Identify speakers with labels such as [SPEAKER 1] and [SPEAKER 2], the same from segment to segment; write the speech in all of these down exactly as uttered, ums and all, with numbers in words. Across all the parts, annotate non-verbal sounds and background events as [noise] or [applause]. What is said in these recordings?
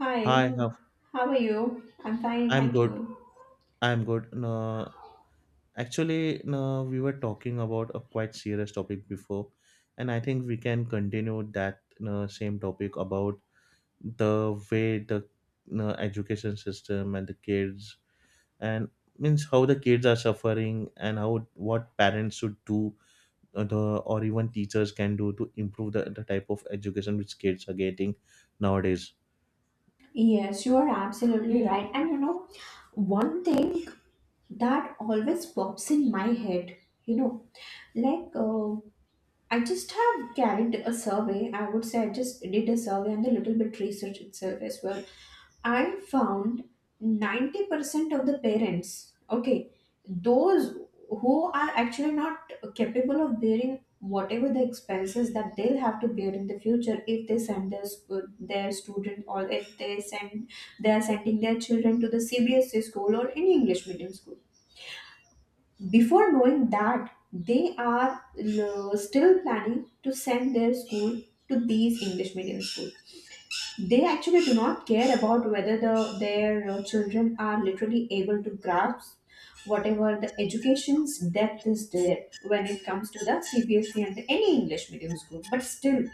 [SPEAKER 1] Hi,
[SPEAKER 2] Hi, how
[SPEAKER 1] how are you? I'm fine,
[SPEAKER 2] I'm
[SPEAKER 1] thank
[SPEAKER 2] good.
[SPEAKER 1] you.
[SPEAKER 2] I'm good. No, actually, no, we were talking about a quite serious topic before, and I think we can continue that no, same topic about the way the no, education system and the kids and means how the kids are suffering and how what parents should do uh, the or even teachers can do to improve the, the type of education which kids are getting nowadays.
[SPEAKER 1] Yes, you are absolutely right. And you know, one thing that always pops in my head, you know, like uh, I just have carried a survey. I would say I just did a survey and a little bit research itself as well. I found ninety percent of the parents, okay, those who are actually not capable of bearing whatever the expenses that they'll have to bear in the future if they send their, sc- their student, or if they send, they are sending their children to the C B S E school or any English medium school. Before knowing that, they are l- still planning to send their school to these English medium schools. They actually do not care about whether the, their uh, children are literally able to grasp whatever the education's depth is there when it comes to the C B S E and any English medium school. But still,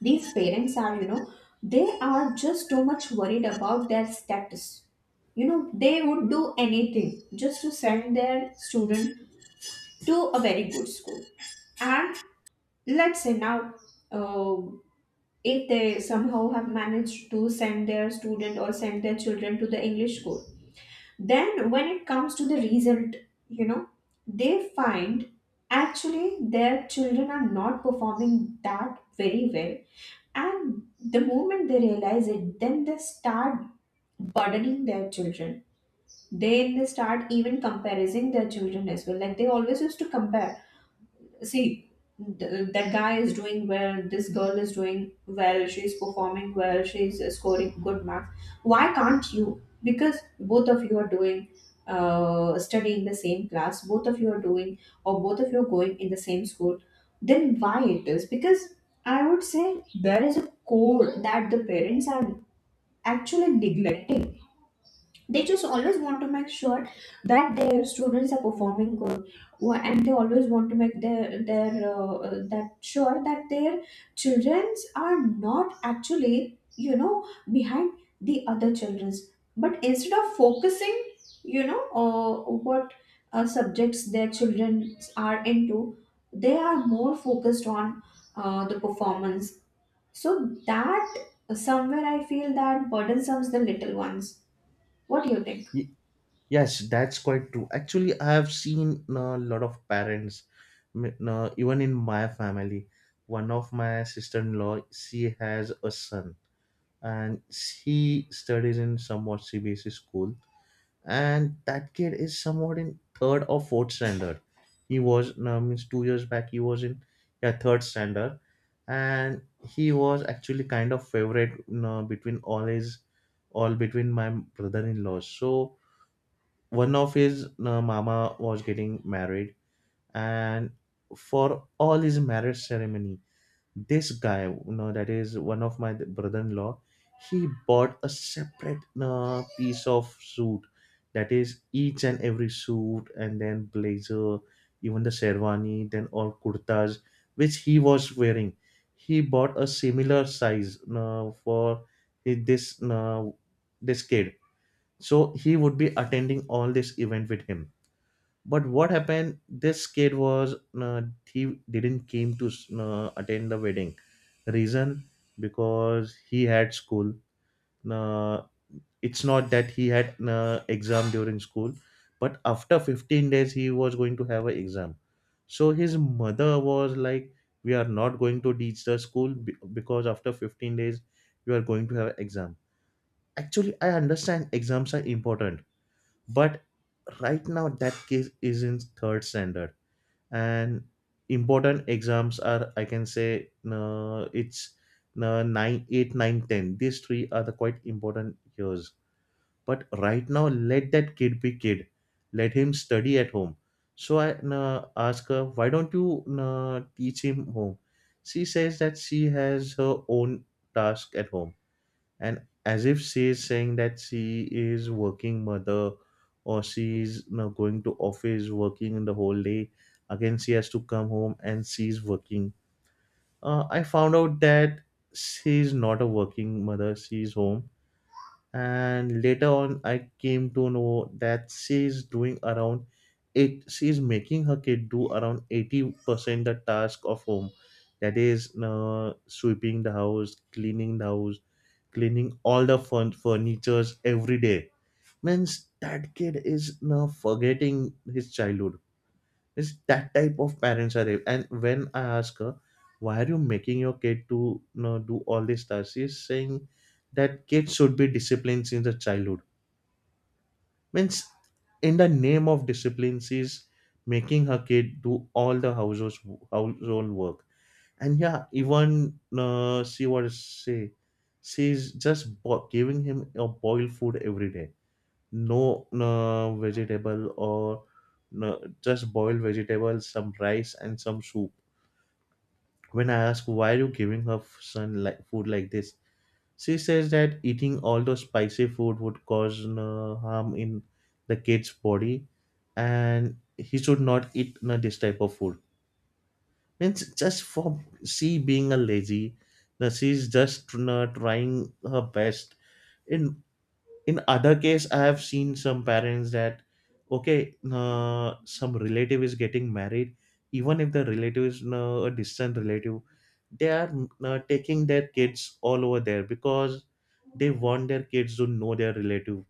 [SPEAKER 1] these parents are, you know, they are just too much worried about their status. You know, they would do anything just to send their student to a very good school. And let's say now, uh, if they somehow have managed to send their student or send their children to the English school, then when it comes to the result, you know, they find actually their children are not performing that very well. And the moment they realize it, then they start burdening their children. Then they start even comparing their children as well. Like they always used to compare, see, th- that guy is doing well, this girl is doing well, she's performing well, she's uh, scoring good marks, why can't you? Because both of you are doing, uh, studying the same class, both of you are doing, or both of you are going in the same school, then why it is? Because I would say there is a code that the parents are actually neglecting. They just always want to make sure that their students are performing good. Wha- and they always want to make their their uh, uh, that sure that their childrens are not actually, you know, behind the other children's, but instead of focusing, you know, uh, what uh, subjects their children are into, they are more focused on uh, the performance. So that somewhere I feel that burdensome the little ones. What do you think?
[SPEAKER 2] Yes, that's quite true. Actually, I have seen a lot of parents, m- uh, even in my family. One of my sister-in-law, she has a son, and she studies in somewhat C B S E school, and that kid is somewhat in third or fourth standard. He was uh, means two years back. He was in yeah third standard, and he was actually kind of favorite you between all his all between my brother-in-law. So one of his uh, mama was getting married and for all his marriage ceremony this guy you know that is one of my brother-in-law, he bought a separate uh, piece of suit, that is each and every suit and then blazer, even the sherwani, then all kurtas which he was wearing. He bought a similar size uh, for his- this uh, this kid, so he would be attending all this event with him. But what happened, this kid was uh, he didn't came to uh, attend the wedding. Reason, because he had school. uh, it's not that he had uh, exam during school, but after fifteen days he was going to have an exam. So his mother was like, we are not going to teach the school be- because after fifteen days you are going to have exam. Actually, I understand exams are important, but right now that kid is in third standard, and important exams are, I can say, no, it's no, nine, eight, nine, ten. These three are the quite important years, but right now let that kid be kid, let him study at home. So I no, ask her, why don't you no, teach him home? She says that she has her own task at home, and as if she is saying that she is working mother or she is, you know, going to office, working in the whole day, again she has to come home and she's working. uh, I found out that she's not a working mother, she's home. And later on I came to know that she's doing around it, she's making her kid do around eighty percent the task of home. That is uh, sweeping the house, cleaning the house, cleaning all the fun- furnitures every day. Means that kid is now forgetting his childhood. It's that type of parents are there. And when I ask her, why are you making your kid to, you know, do all this stuff? She's saying that kids should be disciplined since the childhood. Means in the name of discipline, she's making her kid do all the household household work. And yeah, even uh, she was say she's just bo- giving him a boiled food every day. No, no vegetable or no, just boiled vegetables, some rice and some soup. When I ask why are you giving her son like food like this, she says that eating all those spicy food would cause no harm in the kid's body, and he should not eat no, this type of food. Means just for she being a lazy, now she's just tr- uh, trying her best. In in other case, I have seen some parents that okay, uh, some relative is getting married, even if the relative is uh, a distant relative, they are uh, taking their kids all over there because they want their kids to know their relative.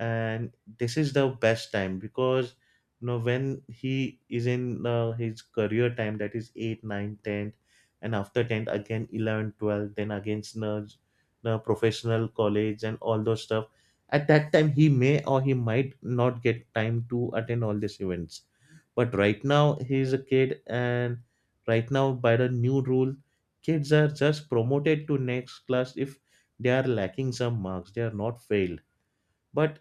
[SPEAKER 2] And this is the best time because, you know, when he is in uh, his career time, that is eight nine, ten, and after ten again eleven, twelve. Then against the, the professional college and all those stuff, at that time he may or he might not get time to attend all these events. But right now he is a kid, and right now by the new rule kids are just promoted to next class if they are lacking some marks, they are not failed. But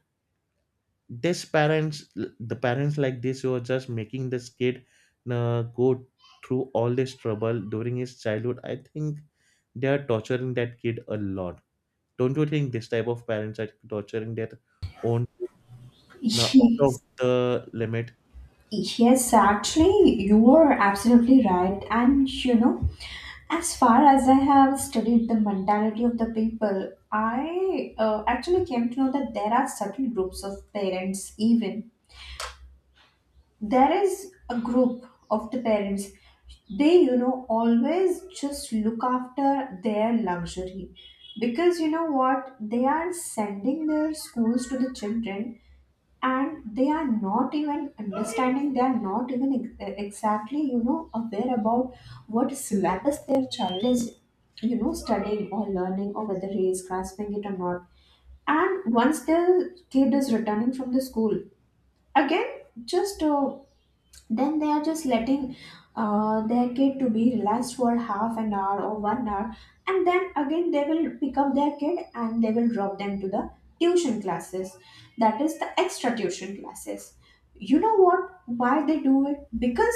[SPEAKER 2] this parents, the parents like this who are just making this kid uh, go through all this trouble during his childhood, I think they are torturing that kid a lot. Don't you think this type of parents are torturing their own uh, out of
[SPEAKER 1] Yes,
[SPEAKER 2] the limit?
[SPEAKER 1] yes, actually, you are absolutely right. And you know, as far as I have studied the mentality of the people, I uh, actually came to know that there are certain groups of parents, even. There is a group of the parents, they, you know, always just look after their luxury. Because you know what? They are sending their schools to the children, and they are not even understanding, they are not even ex- e-, exactly, you know, aware about what syllabus their child is, you know, studying or learning, or whether he is grasping it or not. And once the kid is returning from the school, again, just uh, then they are just letting uh, their kid to be relaxed for half an hour or one hour, and then again they will pick up their kid and they will drop them to the tuition classes, that is the extra tuition classes. You know what, why they do it? Because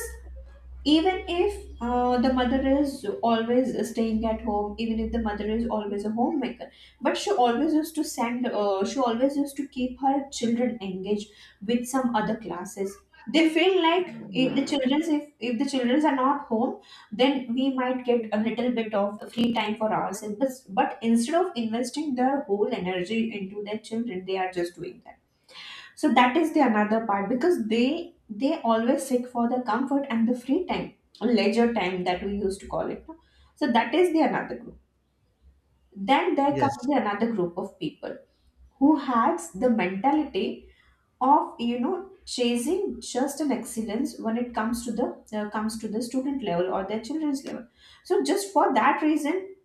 [SPEAKER 1] even if uh, the mother is always staying at home, even if the mother is always a homemaker, but she always used to send, uh, she always used to keep her children engaged with some other classes. They feel like if the children, if, if the children are not home, then we might get a little bit of free time for ourselves, but, but instead of investing their whole energy into their children, they are just doing that. So that is the another part, because they they always seek for the comfort and the free time, or leisure time that we used to call it, no? So that is the another group. Then there comes
[SPEAKER 2] Yes,
[SPEAKER 1] the another group of people who has the mentality of, you know, chasing just an excellence when it comes to the uh, comes to the student level or their children's level. So just for that reason,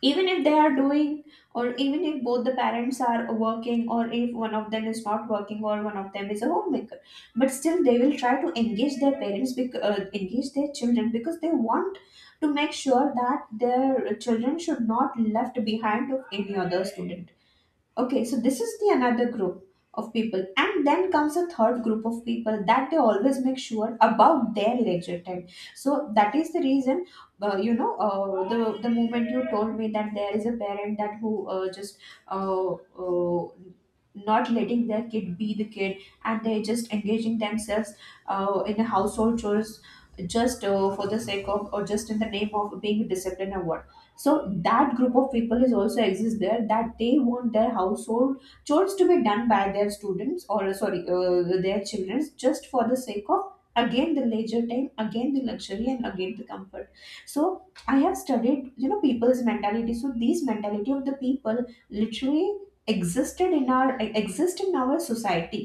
[SPEAKER 1] even if they are doing, or even if both the parents are working, or if one of them is not working, or one of them is a homemaker, but still they will try to engage their parents bec- uh, engage their children, because they want to make sure that their children should not left behind of any other student. Okay, so this is the another group of people, and then comes a third group of people that they always make sure about their leisure time. So that is the reason, uh, you know, uh, the the moment you told me that there is a parent that who uh, just uh, uh, not letting their kid be the kid, and they just engaging themselves uh, in a household chores, just uh, for the sake of, or just in the name of being disciplined or what. So that group of people is also exists there, that they want their household chores to be done by their students, or sorry, uh, their children, just for the sake of, again, the leisure time, again the luxury, and again the comfort. So I have studied, you know, people's mentality, so these mentality of the people literally existed in our, exist in our society.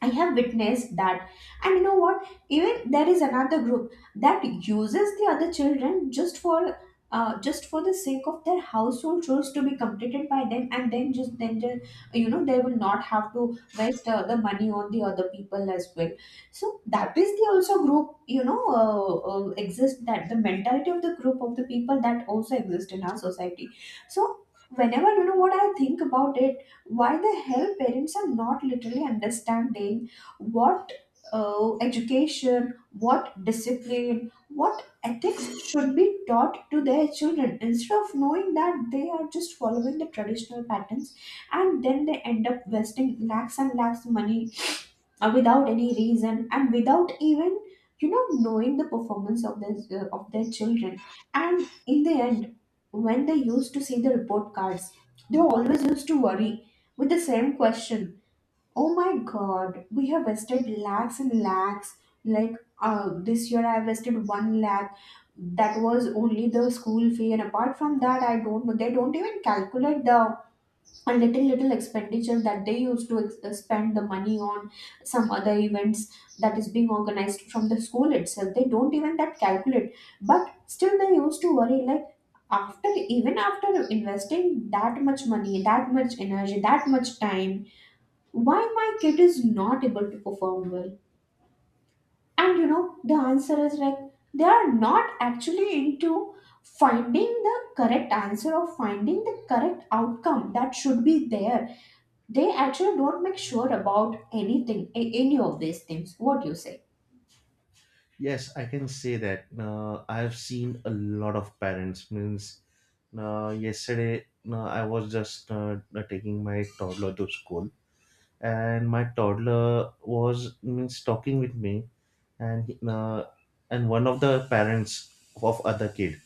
[SPEAKER 1] I have witnessed that. And you know what? Even there is another group that uses the other children just for uh, just for the sake of their household chores to be completed by them, and then just then the- you know, they will not have to waste uh, the money on the other people as well. So that is the also group, you know, uh, uh, exist, that the mentality of the group of the people that also exist in our society. So whenever, you know what, I think about it, why the hell parents are not literally understanding what uh, education, what discipline, what ethics should be taught to their children? Instead of knowing that, they are just following the traditional patterns, and then they end up wasting lakhs and lakhs of money uh, without any reason, and without even, you know, knowing the performance of this uh, of their children. And in the end, when they used to see the report cards, they always used to worry with the same question: oh my god, we have wasted lakhs and lakhs. Like, uh, this year I wasted one lakh, that was only the school fee, and apart from that, I don't know, they don't even calculate the, and little little expenditure that they used to ex- uh, spend the money on some other events that is being organized from the school itself, they don't even that calculate. But still they used to worry, like, after, even after investing that much money, that much energy, that much time, why my kid is not able to perform well? And you know, the answer is like, they are not actually into finding the correct answer, or finding the correct outcome that should be there. They actually don't make sure about anything, a- any of these things. What do you say?
[SPEAKER 2] yes, I can say that uh, I have seen a lot of parents, means uh, yesterday uh, i was just uh, taking my toddler to school, and my toddler was means talking with me, and he- uh, and one of the parents of other kid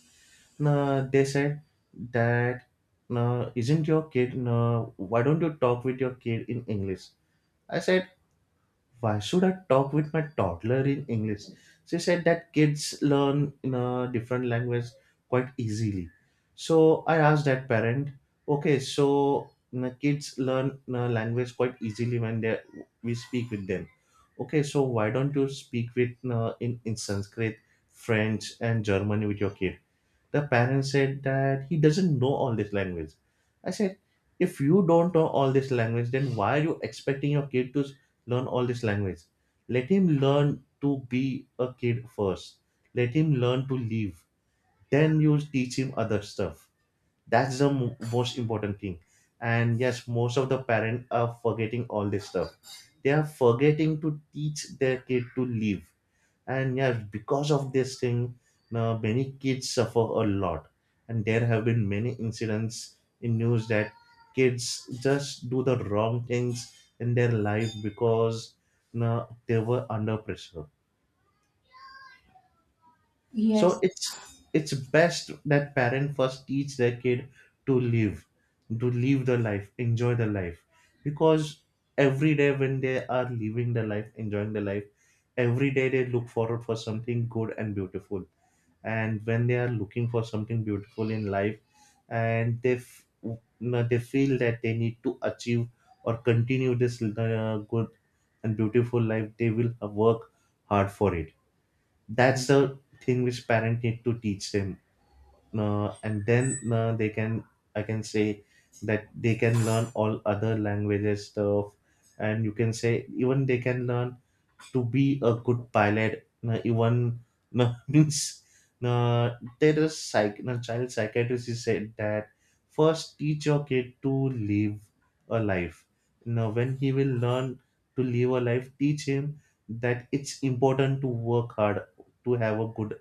[SPEAKER 2] uh, they said that no, isn't your kid no? Why don't you talk with your kid in English? I said, why should I talk with my toddler in English? She said that kids learn in a different language quite easily. So I asked that parent, okay, so, you know, kids learn, you know, language quite easily when they we speak with them. Okay, so why don't you speak with, you know, in in Sanskrit, French, and German with your kid? The parent said that he doesn't know all this language. I said, if you don't know all this language, then why are you expecting your kid to s- learn all this language? Let him learn to be a kid first. Let him learn to live. Then you teach him other stuff. That's the mo- most important thing. And yes, most of the parents are forgetting all this stuff. They are forgetting to teach their kid to live. And yes, because of this thing, now many kids suffer a lot. And there have been many incidents in news that kids just do the wrong things in their life because now they were under pressure. So
[SPEAKER 1] Yes,
[SPEAKER 2] it's it's best that parent first teach their kid to live, to live the life, enjoy the life. Because every day when they are living the life, enjoying the life, every day they look forward for something good and beautiful. And when they are looking for something beautiful in life, and they f- you know, they feel that they need to achieve or continue this uh, good and beautiful life, they will work hard for it. That's the thing which parent need to teach them. Uh, and then uh, they can, I can say, that they can learn all other languages stuff. And you can say, even they can learn to be a good pilot na, even na [laughs] means na, there is psych na child psychiatrist is said that first teach your kid to live a life. Now when he will learn to live a life, teach him that it's important to work hard to have a good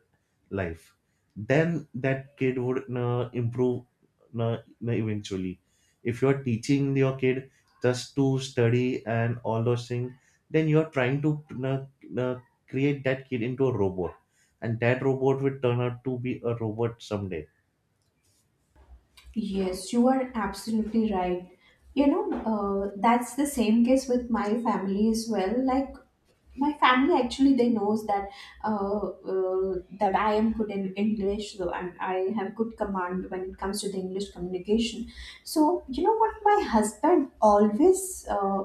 [SPEAKER 2] life. Then that kid would uh, improve uh, eventually. If you're teaching your kid just to study and all those things, then you're trying to uh, uh, create that kid into a robot, and that robot will turn out to be a robot someday.
[SPEAKER 1] Yes, you are absolutely right. You know, uh, that's the same case with my family as well. Like, my family actually they knows that uh, uh, that I am good in English, so I'm, I have good command when it comes to the English communication. So you know what, my husband always uh,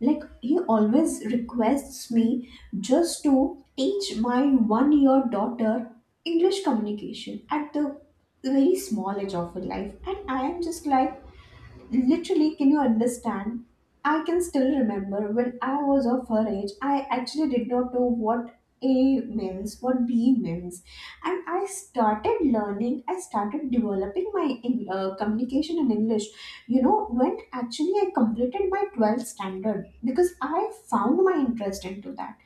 [SPEAKER 1] like, he always requests me just to teach my one year daughter English communication at the very small age of her life, and I am just like, literally, can you understand? I can still remember when I was of her age, I actually did not know what A means, what B means. And I started learning, I started developing my in, uh, communication in English, you know, when actually I completed my twelfth standard, because I found my interest into that.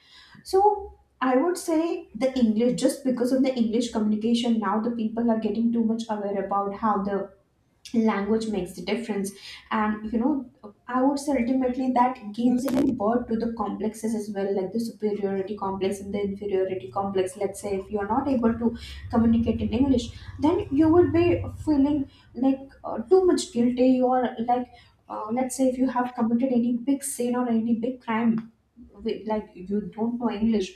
[SPEAKER 1] So I would say the English, just because of the English communication, now the people are getting too much aware about how the language makes the difference. And you know, I would say ultimately that gives even birth to the complexes as well, like the superiority complex and the inferiority complex. Let's say if you are not able to communicate in English, then you would be feeling like uh, too much guilty, or like, uh, let's say if you have committed any big sin or any big crime, with, like, you don't know English,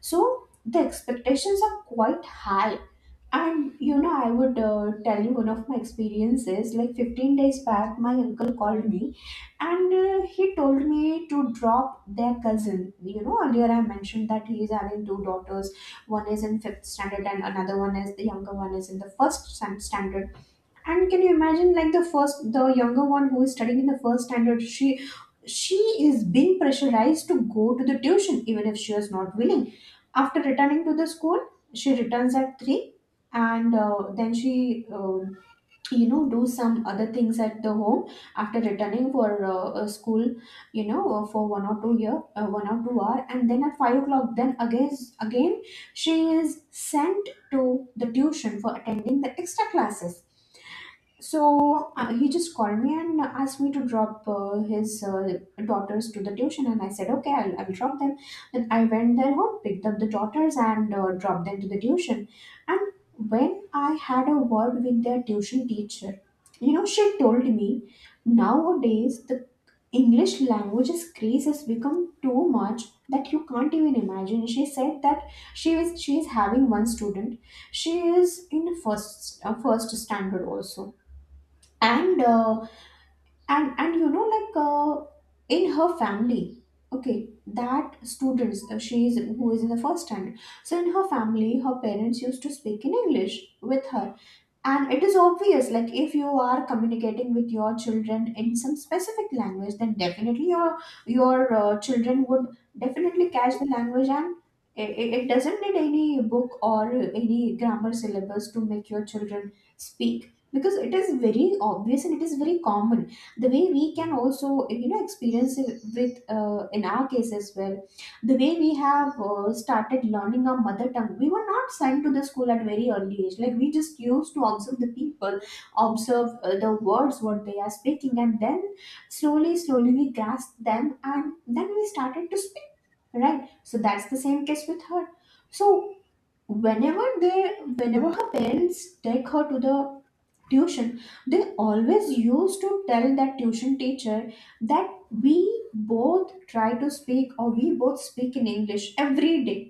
[SPEAKER 1] so the expectations are quite high. And you know, I would uh, tell you one of my experiences. Like fifteen days back, my uncle called me, and uh, he told me to drop their cousin. You know, earlier I mentioned that he is having two daughters. One is in fifth standard and another one is the younger one is in the first stan- standard. And can you imagine, like the first, the younger one who is studying in the first standard, she she is being pressurized to go to the tuition, even if she is not willing. After returning to the school, she returns at three, and uh, then she uh, you know do some other things at the home after returning for uh, uh, school you know uh, for one or two year uh, one or two hour and then at five o'clock then again again she is sent to the tuition for attending the extra classes. So uh, he just called me and asked me to drop uh, his uh, daughters to the tuition, and I said, "Okay, I'll, I'll drop them." Then I went there home, picked up the daughters, and uh, dropped them to the tuition when I had a word with their tuition teacher. You know, she told me nowadays the English language's craze has become too much that you can't even imagine. She said that she is she is having one student. She is in first uh, first standard also, and uh, and and you know like uh, in her family, okay, that students uh, she is who is in the first standard. So in her family, her parents used to speak in English with her, and it is obvious, like if you are communicating with your children in some specific language, then definitely your your uh, children would definitely catch the language, and it, it it doesn't need any book or any grammar syllabus to make your children speak, because it is very obvious and it is very common. The way we can also, you know, experience it with uh, in our case as well, the way we have uh, started learning our mother tongue, we were not sent to the school at very early age, like we just used to observe the people, observe uh, the words what they are speaking, and then slowly slowly we grasped them, and then we started to speak. Right, so that's the same case with her. So whenever they whenever her parents take her to the tuition, they always used to tell that tuition teacher that we both try to speak, or we both speak in English every day,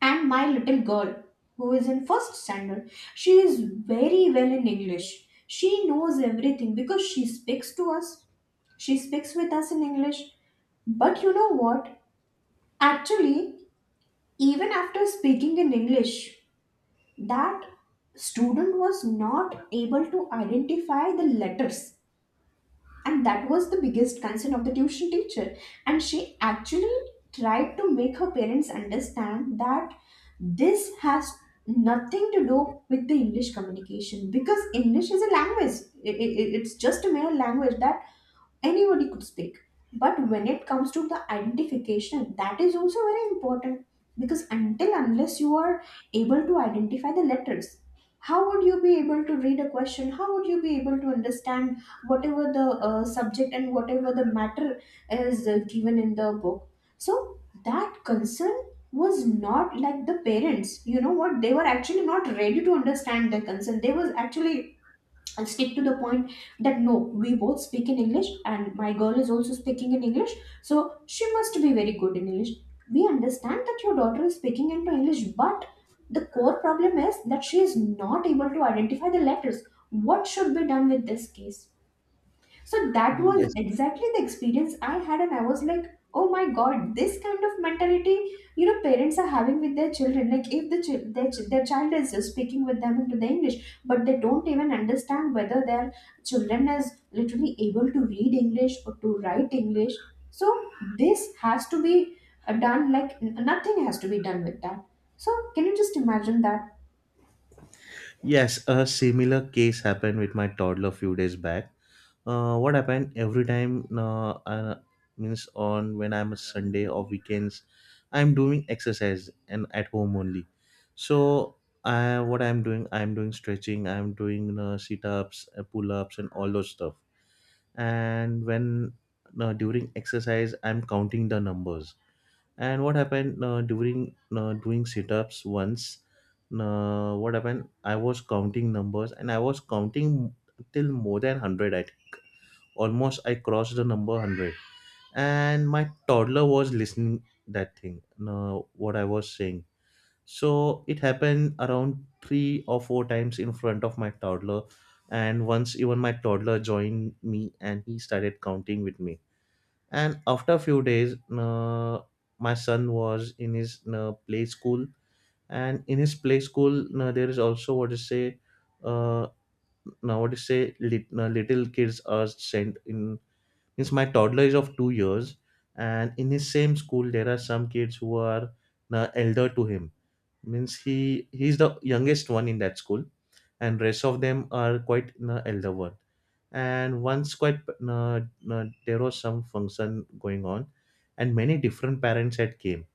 [SPEAKER 1] and my little girl who is in first standard, she is very well in English. She knows everything because she speaks to us, she speaks with us in English. But you know what? Actually, even after speaking in English, that student was not able to identify the letters. And that was the biggest concern of the tuition teacher, and she actually tried to make her parents understand that this has nothing to do with the English communication, because English is a language. It it it's just a mere language that anybody could speak, but when it comes to the identification, that is also very important. Because until unless you are able to identify the letters, how would you be able to read a question, how would you be able to understand whatever the uh, subject and whatever the matter is uh, given in the book? So that concern was not, like, the parents, you know what, they were actually not ready to understand the concern, they was actually and stick to the point that no, we both speak in English and my girl is also speaking in English, so she must be very good in English. We understand that your daughter is speaking into English, but the core problem is that she is not able to identify the letters. What should be done with this case? So that was
[SPEAKER 2] Yes,
[SPEAKER 1] exactly the experience I had, and I was like, oh my god, this kind of mentality, you know, parents are having with their children. Like, if the chil- their, ch- their child is just speaking with them into the English, but they don't even understand whether their children is literally able to read English or to write English. So this has to be uh, done. Like n- nothing has to be done with that. So can you just imagine that?
[SPEAKER 2] yes, a similar case happened with my toddler a few days back. Uh, what happened, every time uh, uh, means on when I'm a Sunday or weekends, I'm doing exercise and at home only. So I, what I'm doing, I'm doing stretching, I'm doing uh, sit-ups, uh, pull-ups, and all those stuff. And when uh, during exercise I'm counting the numbers. And what happened, uh, during uh, doing sit-ups once, uh, what happened, I was counting numbers, and I was counting till more than one hundred. Almost I crossed the number one hundred, and my toddler was listening that thing no, what I was saying. So it happened around three or four times in front of my toddler, and once even my toddler joined me and he started counting with me. And after a few days no, my son was in his no, play school. And in his play school no, there is also what to say uh, now what to say lit, no, little kids are sent in. Yes, my toddler is of two years, and in his same school, there are some kids who are uh, elder to him. Means he he's the youngest one in that school, and rest of them are quite uh, elder one. And once quite uh, uh, there was some function going on, and many different parents had came,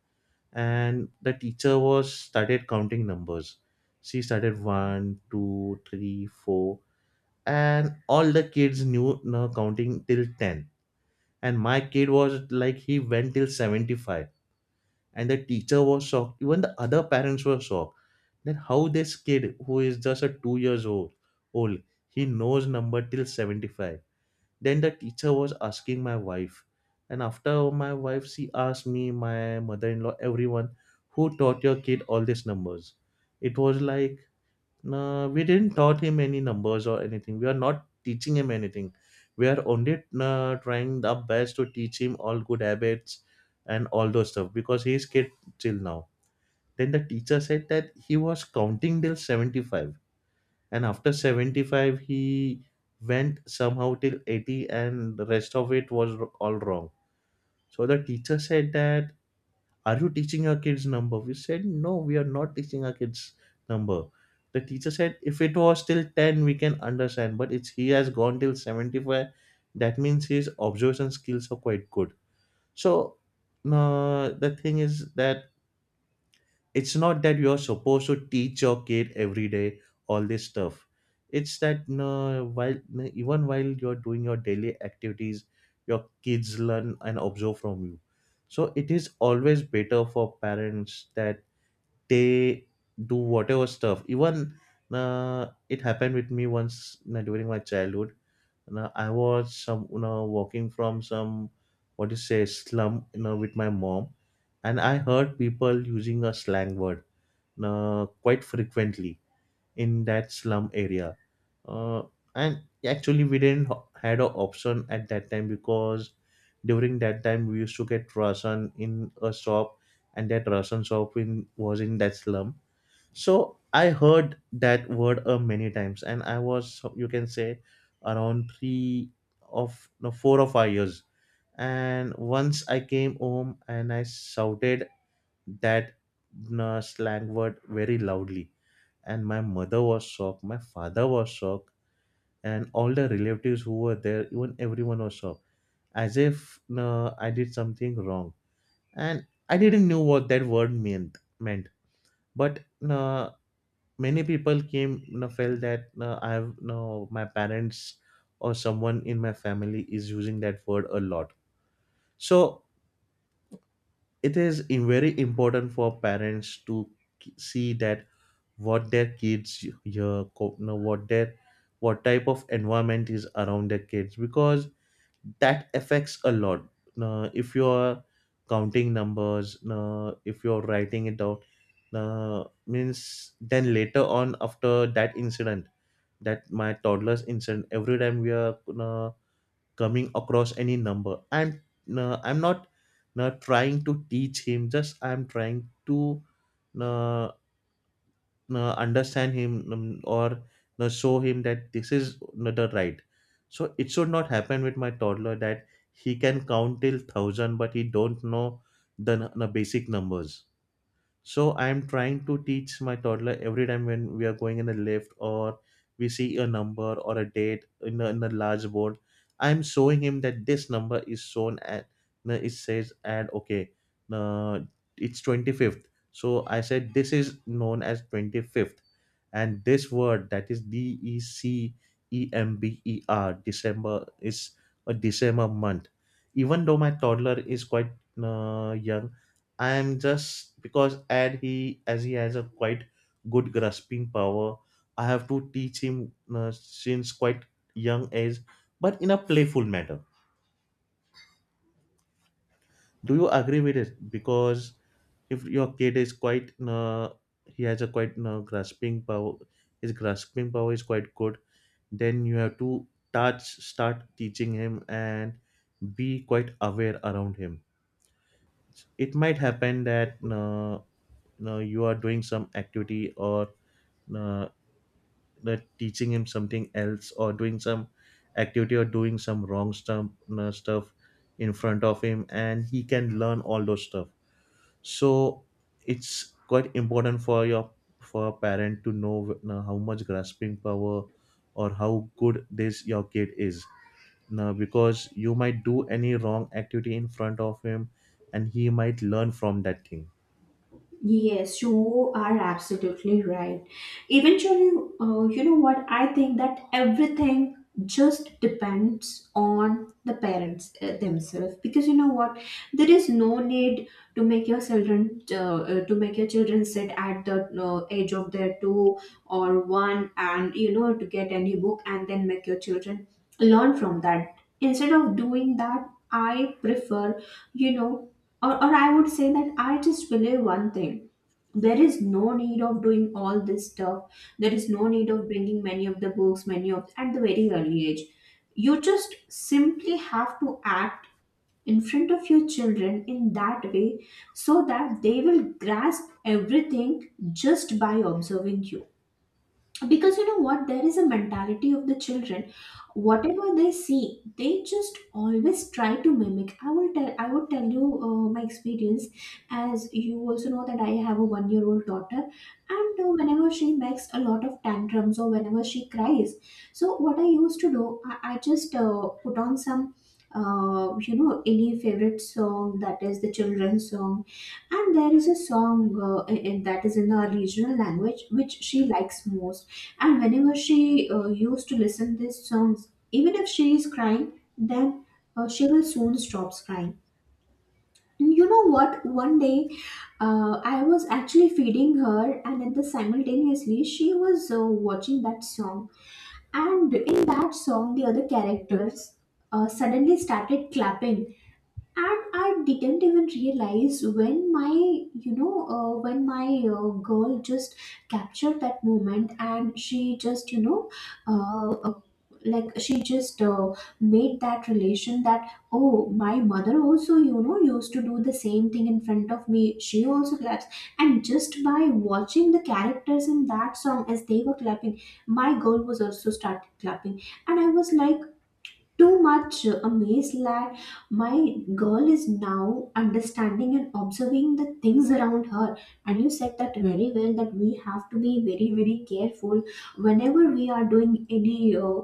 [SPEAKER 2] and the teacher was started counting numbers. She started one, two, three, four, and all the kids knew uh, counting till ten. And my kid was like, he went till seventy-five. And the teacher was shocked, even the other parents were shocked. Then how this kid who is just a two years old old he knows number till seventy-five? Then the teacher was asking my wife, and after my wife, she asked me, my mother-in-law, everyone, who taught your kid all these numbers? It was like, no, we didn't taught him any numbers or anything. We are not teaching him anything. We are only uh, trying the best to teach him all good habits and all those stuff because he is kid till now. Then the teacher said that he was counting till seventy-five, and after seventy-five he went somehow till eighty, and the rest of it was r- all wrong. So the teacher said that, are you teaching your kids number? We said no, we are not teaching our kids number. The teacher said, if it was till ten, we can understand, but it's he has gone till seventy-five. That means his observation skills are quite good. So uh, the thing is that, it's not that you're supposed to teach your kid every day all this stuff. It's that, no, while no, even while you're doing your daily activities, your kids learn and observe from you. So it is always better for parents that they do whatever stuff. Even uh, it happened with me once uh, during my childhood. uh, I was some, you know, walking from some, what do you say, slum, you know, with my mom, and I heard people using a slang word uh, quite frequently in that slum area. Uh, and actually, we didn't h- had an option at that time, because during that time we used to get rasan in a shop, and that rasan shop in was in that slum. So I heard that word uh, many times, and I was, you can say, around three of no four or five years. And once I came home and I shouted that uh, slang word very loudly, and my mother was shocked, my father was shocked, and all the relatives who were there, even everyone was shocked, as if uh, I did something wrong. And I didn't know what that word meant meant, but uh, many people came, you felt that uh, I have, no my parents or someone in my family is using that word a lot. So it is im- very important for parents to k- see that what their kids y- yeah, co- no, what their, what type of environment is around their kids, because that affects a lot. Now, if you are counting numbers, now, if you're writing it down now, means then later on after that incident, that my toddler's incident, every time we are now coming across any number, I'm now, I'm not not trying to teach him, just I'm trying to uh, uh, understand him, um, or uh, show him that this is not the right. So it should not happen with my toddler that he can count till a thousand but he don't know the, n- the basic numbers. So I am trying to teach my toddler every time when we are going in a lift, or we see a number or a date in a, in a large board. I'm showing him that this number is shown at, no, it says, and okay, uh, it's twenty-fifth. So I said, this is known as twenty-fifth, and this word that is d e c e m b e r, december is a december month. Even though my toddler is quite uh, young, I'm just because, and he as he has a quite good grasping power, I have to teach him uh, since quite young age, but in a playful manner. Do you agree with it? Because if your kid is quite uh, he has a quite uh, grasping power, his grasping power is quite good, then you have to touch start teaching him and be quite aware around him. It might happen that uh, you know, you are doing some activity, or uh, that teaching him something else, or doing some activity, or doing some wrong stuff, uh, stuff in front of him, and he can learn all those stuff. So it's quite important for your for a parent to know uh, how much grasping power or how good this your kid is now, because you might do any wrong activity in front of him, and he might learn from that thing.
[SPEAKER 1] Yes, you are absolutely right. Eventually, uh, you know what, I think that everything just depends on the parents uh, themselves, because you know what, there is no need to make your children uh, uh, to make your children sit at the uh, age of their two or one, and, you know, to get any book and then make your children learn from that. Instead of doing that, I prefer, you know, or, or I would say that I just believe one thing, there is no need of doing all this stuff, there is no need of bringing many of the books, many of at the very early age. You just simply have to act in front of your children in that way, so that they will grasp everything just by observing you. Because you know what, there is a mentality of the children, whatever they see, they just always try to mimic. i will tell I would tell you uh, my experience. As you also know that I have a one year old daughter, and uh, whenever she makes a lot of tantrums or whenever she cries, so what I used to do, i, I just uh, put on some uh, you know any favorite song, that is the children's song. And there is a song uh, in- in- that is in our regional language, which she likes most. And whenever she uh, used to listen these songs, even if she is crying, then uh, she will soon stop crying. And you know what? One day, uh, I was actually feeding her, and at the simultaneously, she was uh, watching that song. And in that song, the other characters uh, suddenly started clapping, and I didn't even realize when my, you know, uh, when my uh, girl just captured that moment, and she just, you know, uh, uh, like she just uh, made that relation that, oh, my mother also, you know, used to do the same thing in front of me, she also claps. And just by watching the characters in that song as they were clapping, my girl was also started clapping. And I was like, too much uh, amazed that my girl is now understanding and observing the things around her. And you said that very well, that we have to be very very careful whenever we are doing any uh,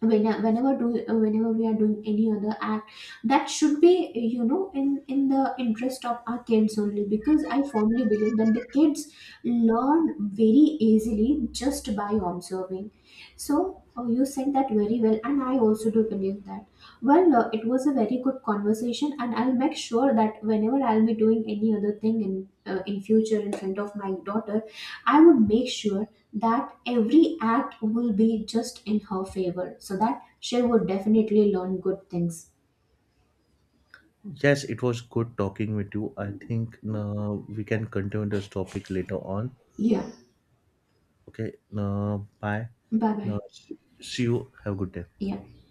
[SPEAKER 1] when whenever do uh, whenever we are doing any other act, that should be, you know, in in the interest of our kids only, because I firmly believe that the kids learn very easily just by observing. So oh, you said that very well, and I also do believe that. Well, uh, it was a very good conversation, and I'll make sure that whenever I'll be doing any other thing in uh, in future in front of my daughter, I would make sure that every act will be just in her favor, so that she would definitely learn good things.
[SPEAKER 2] Yes, it was good talking with you. I think uh, we can continue this topic later on.
[SPEAKER 1] Yeah.
[SPEAKER 2] Okay, uh, bye.
[SPEAKER 1] Bye
[SPEAKER 2] Uh,
[SPEAKER 1] bye.
[SPEAKER 2] see see you. Have a good day.
[SPEAKER 1] Yeah.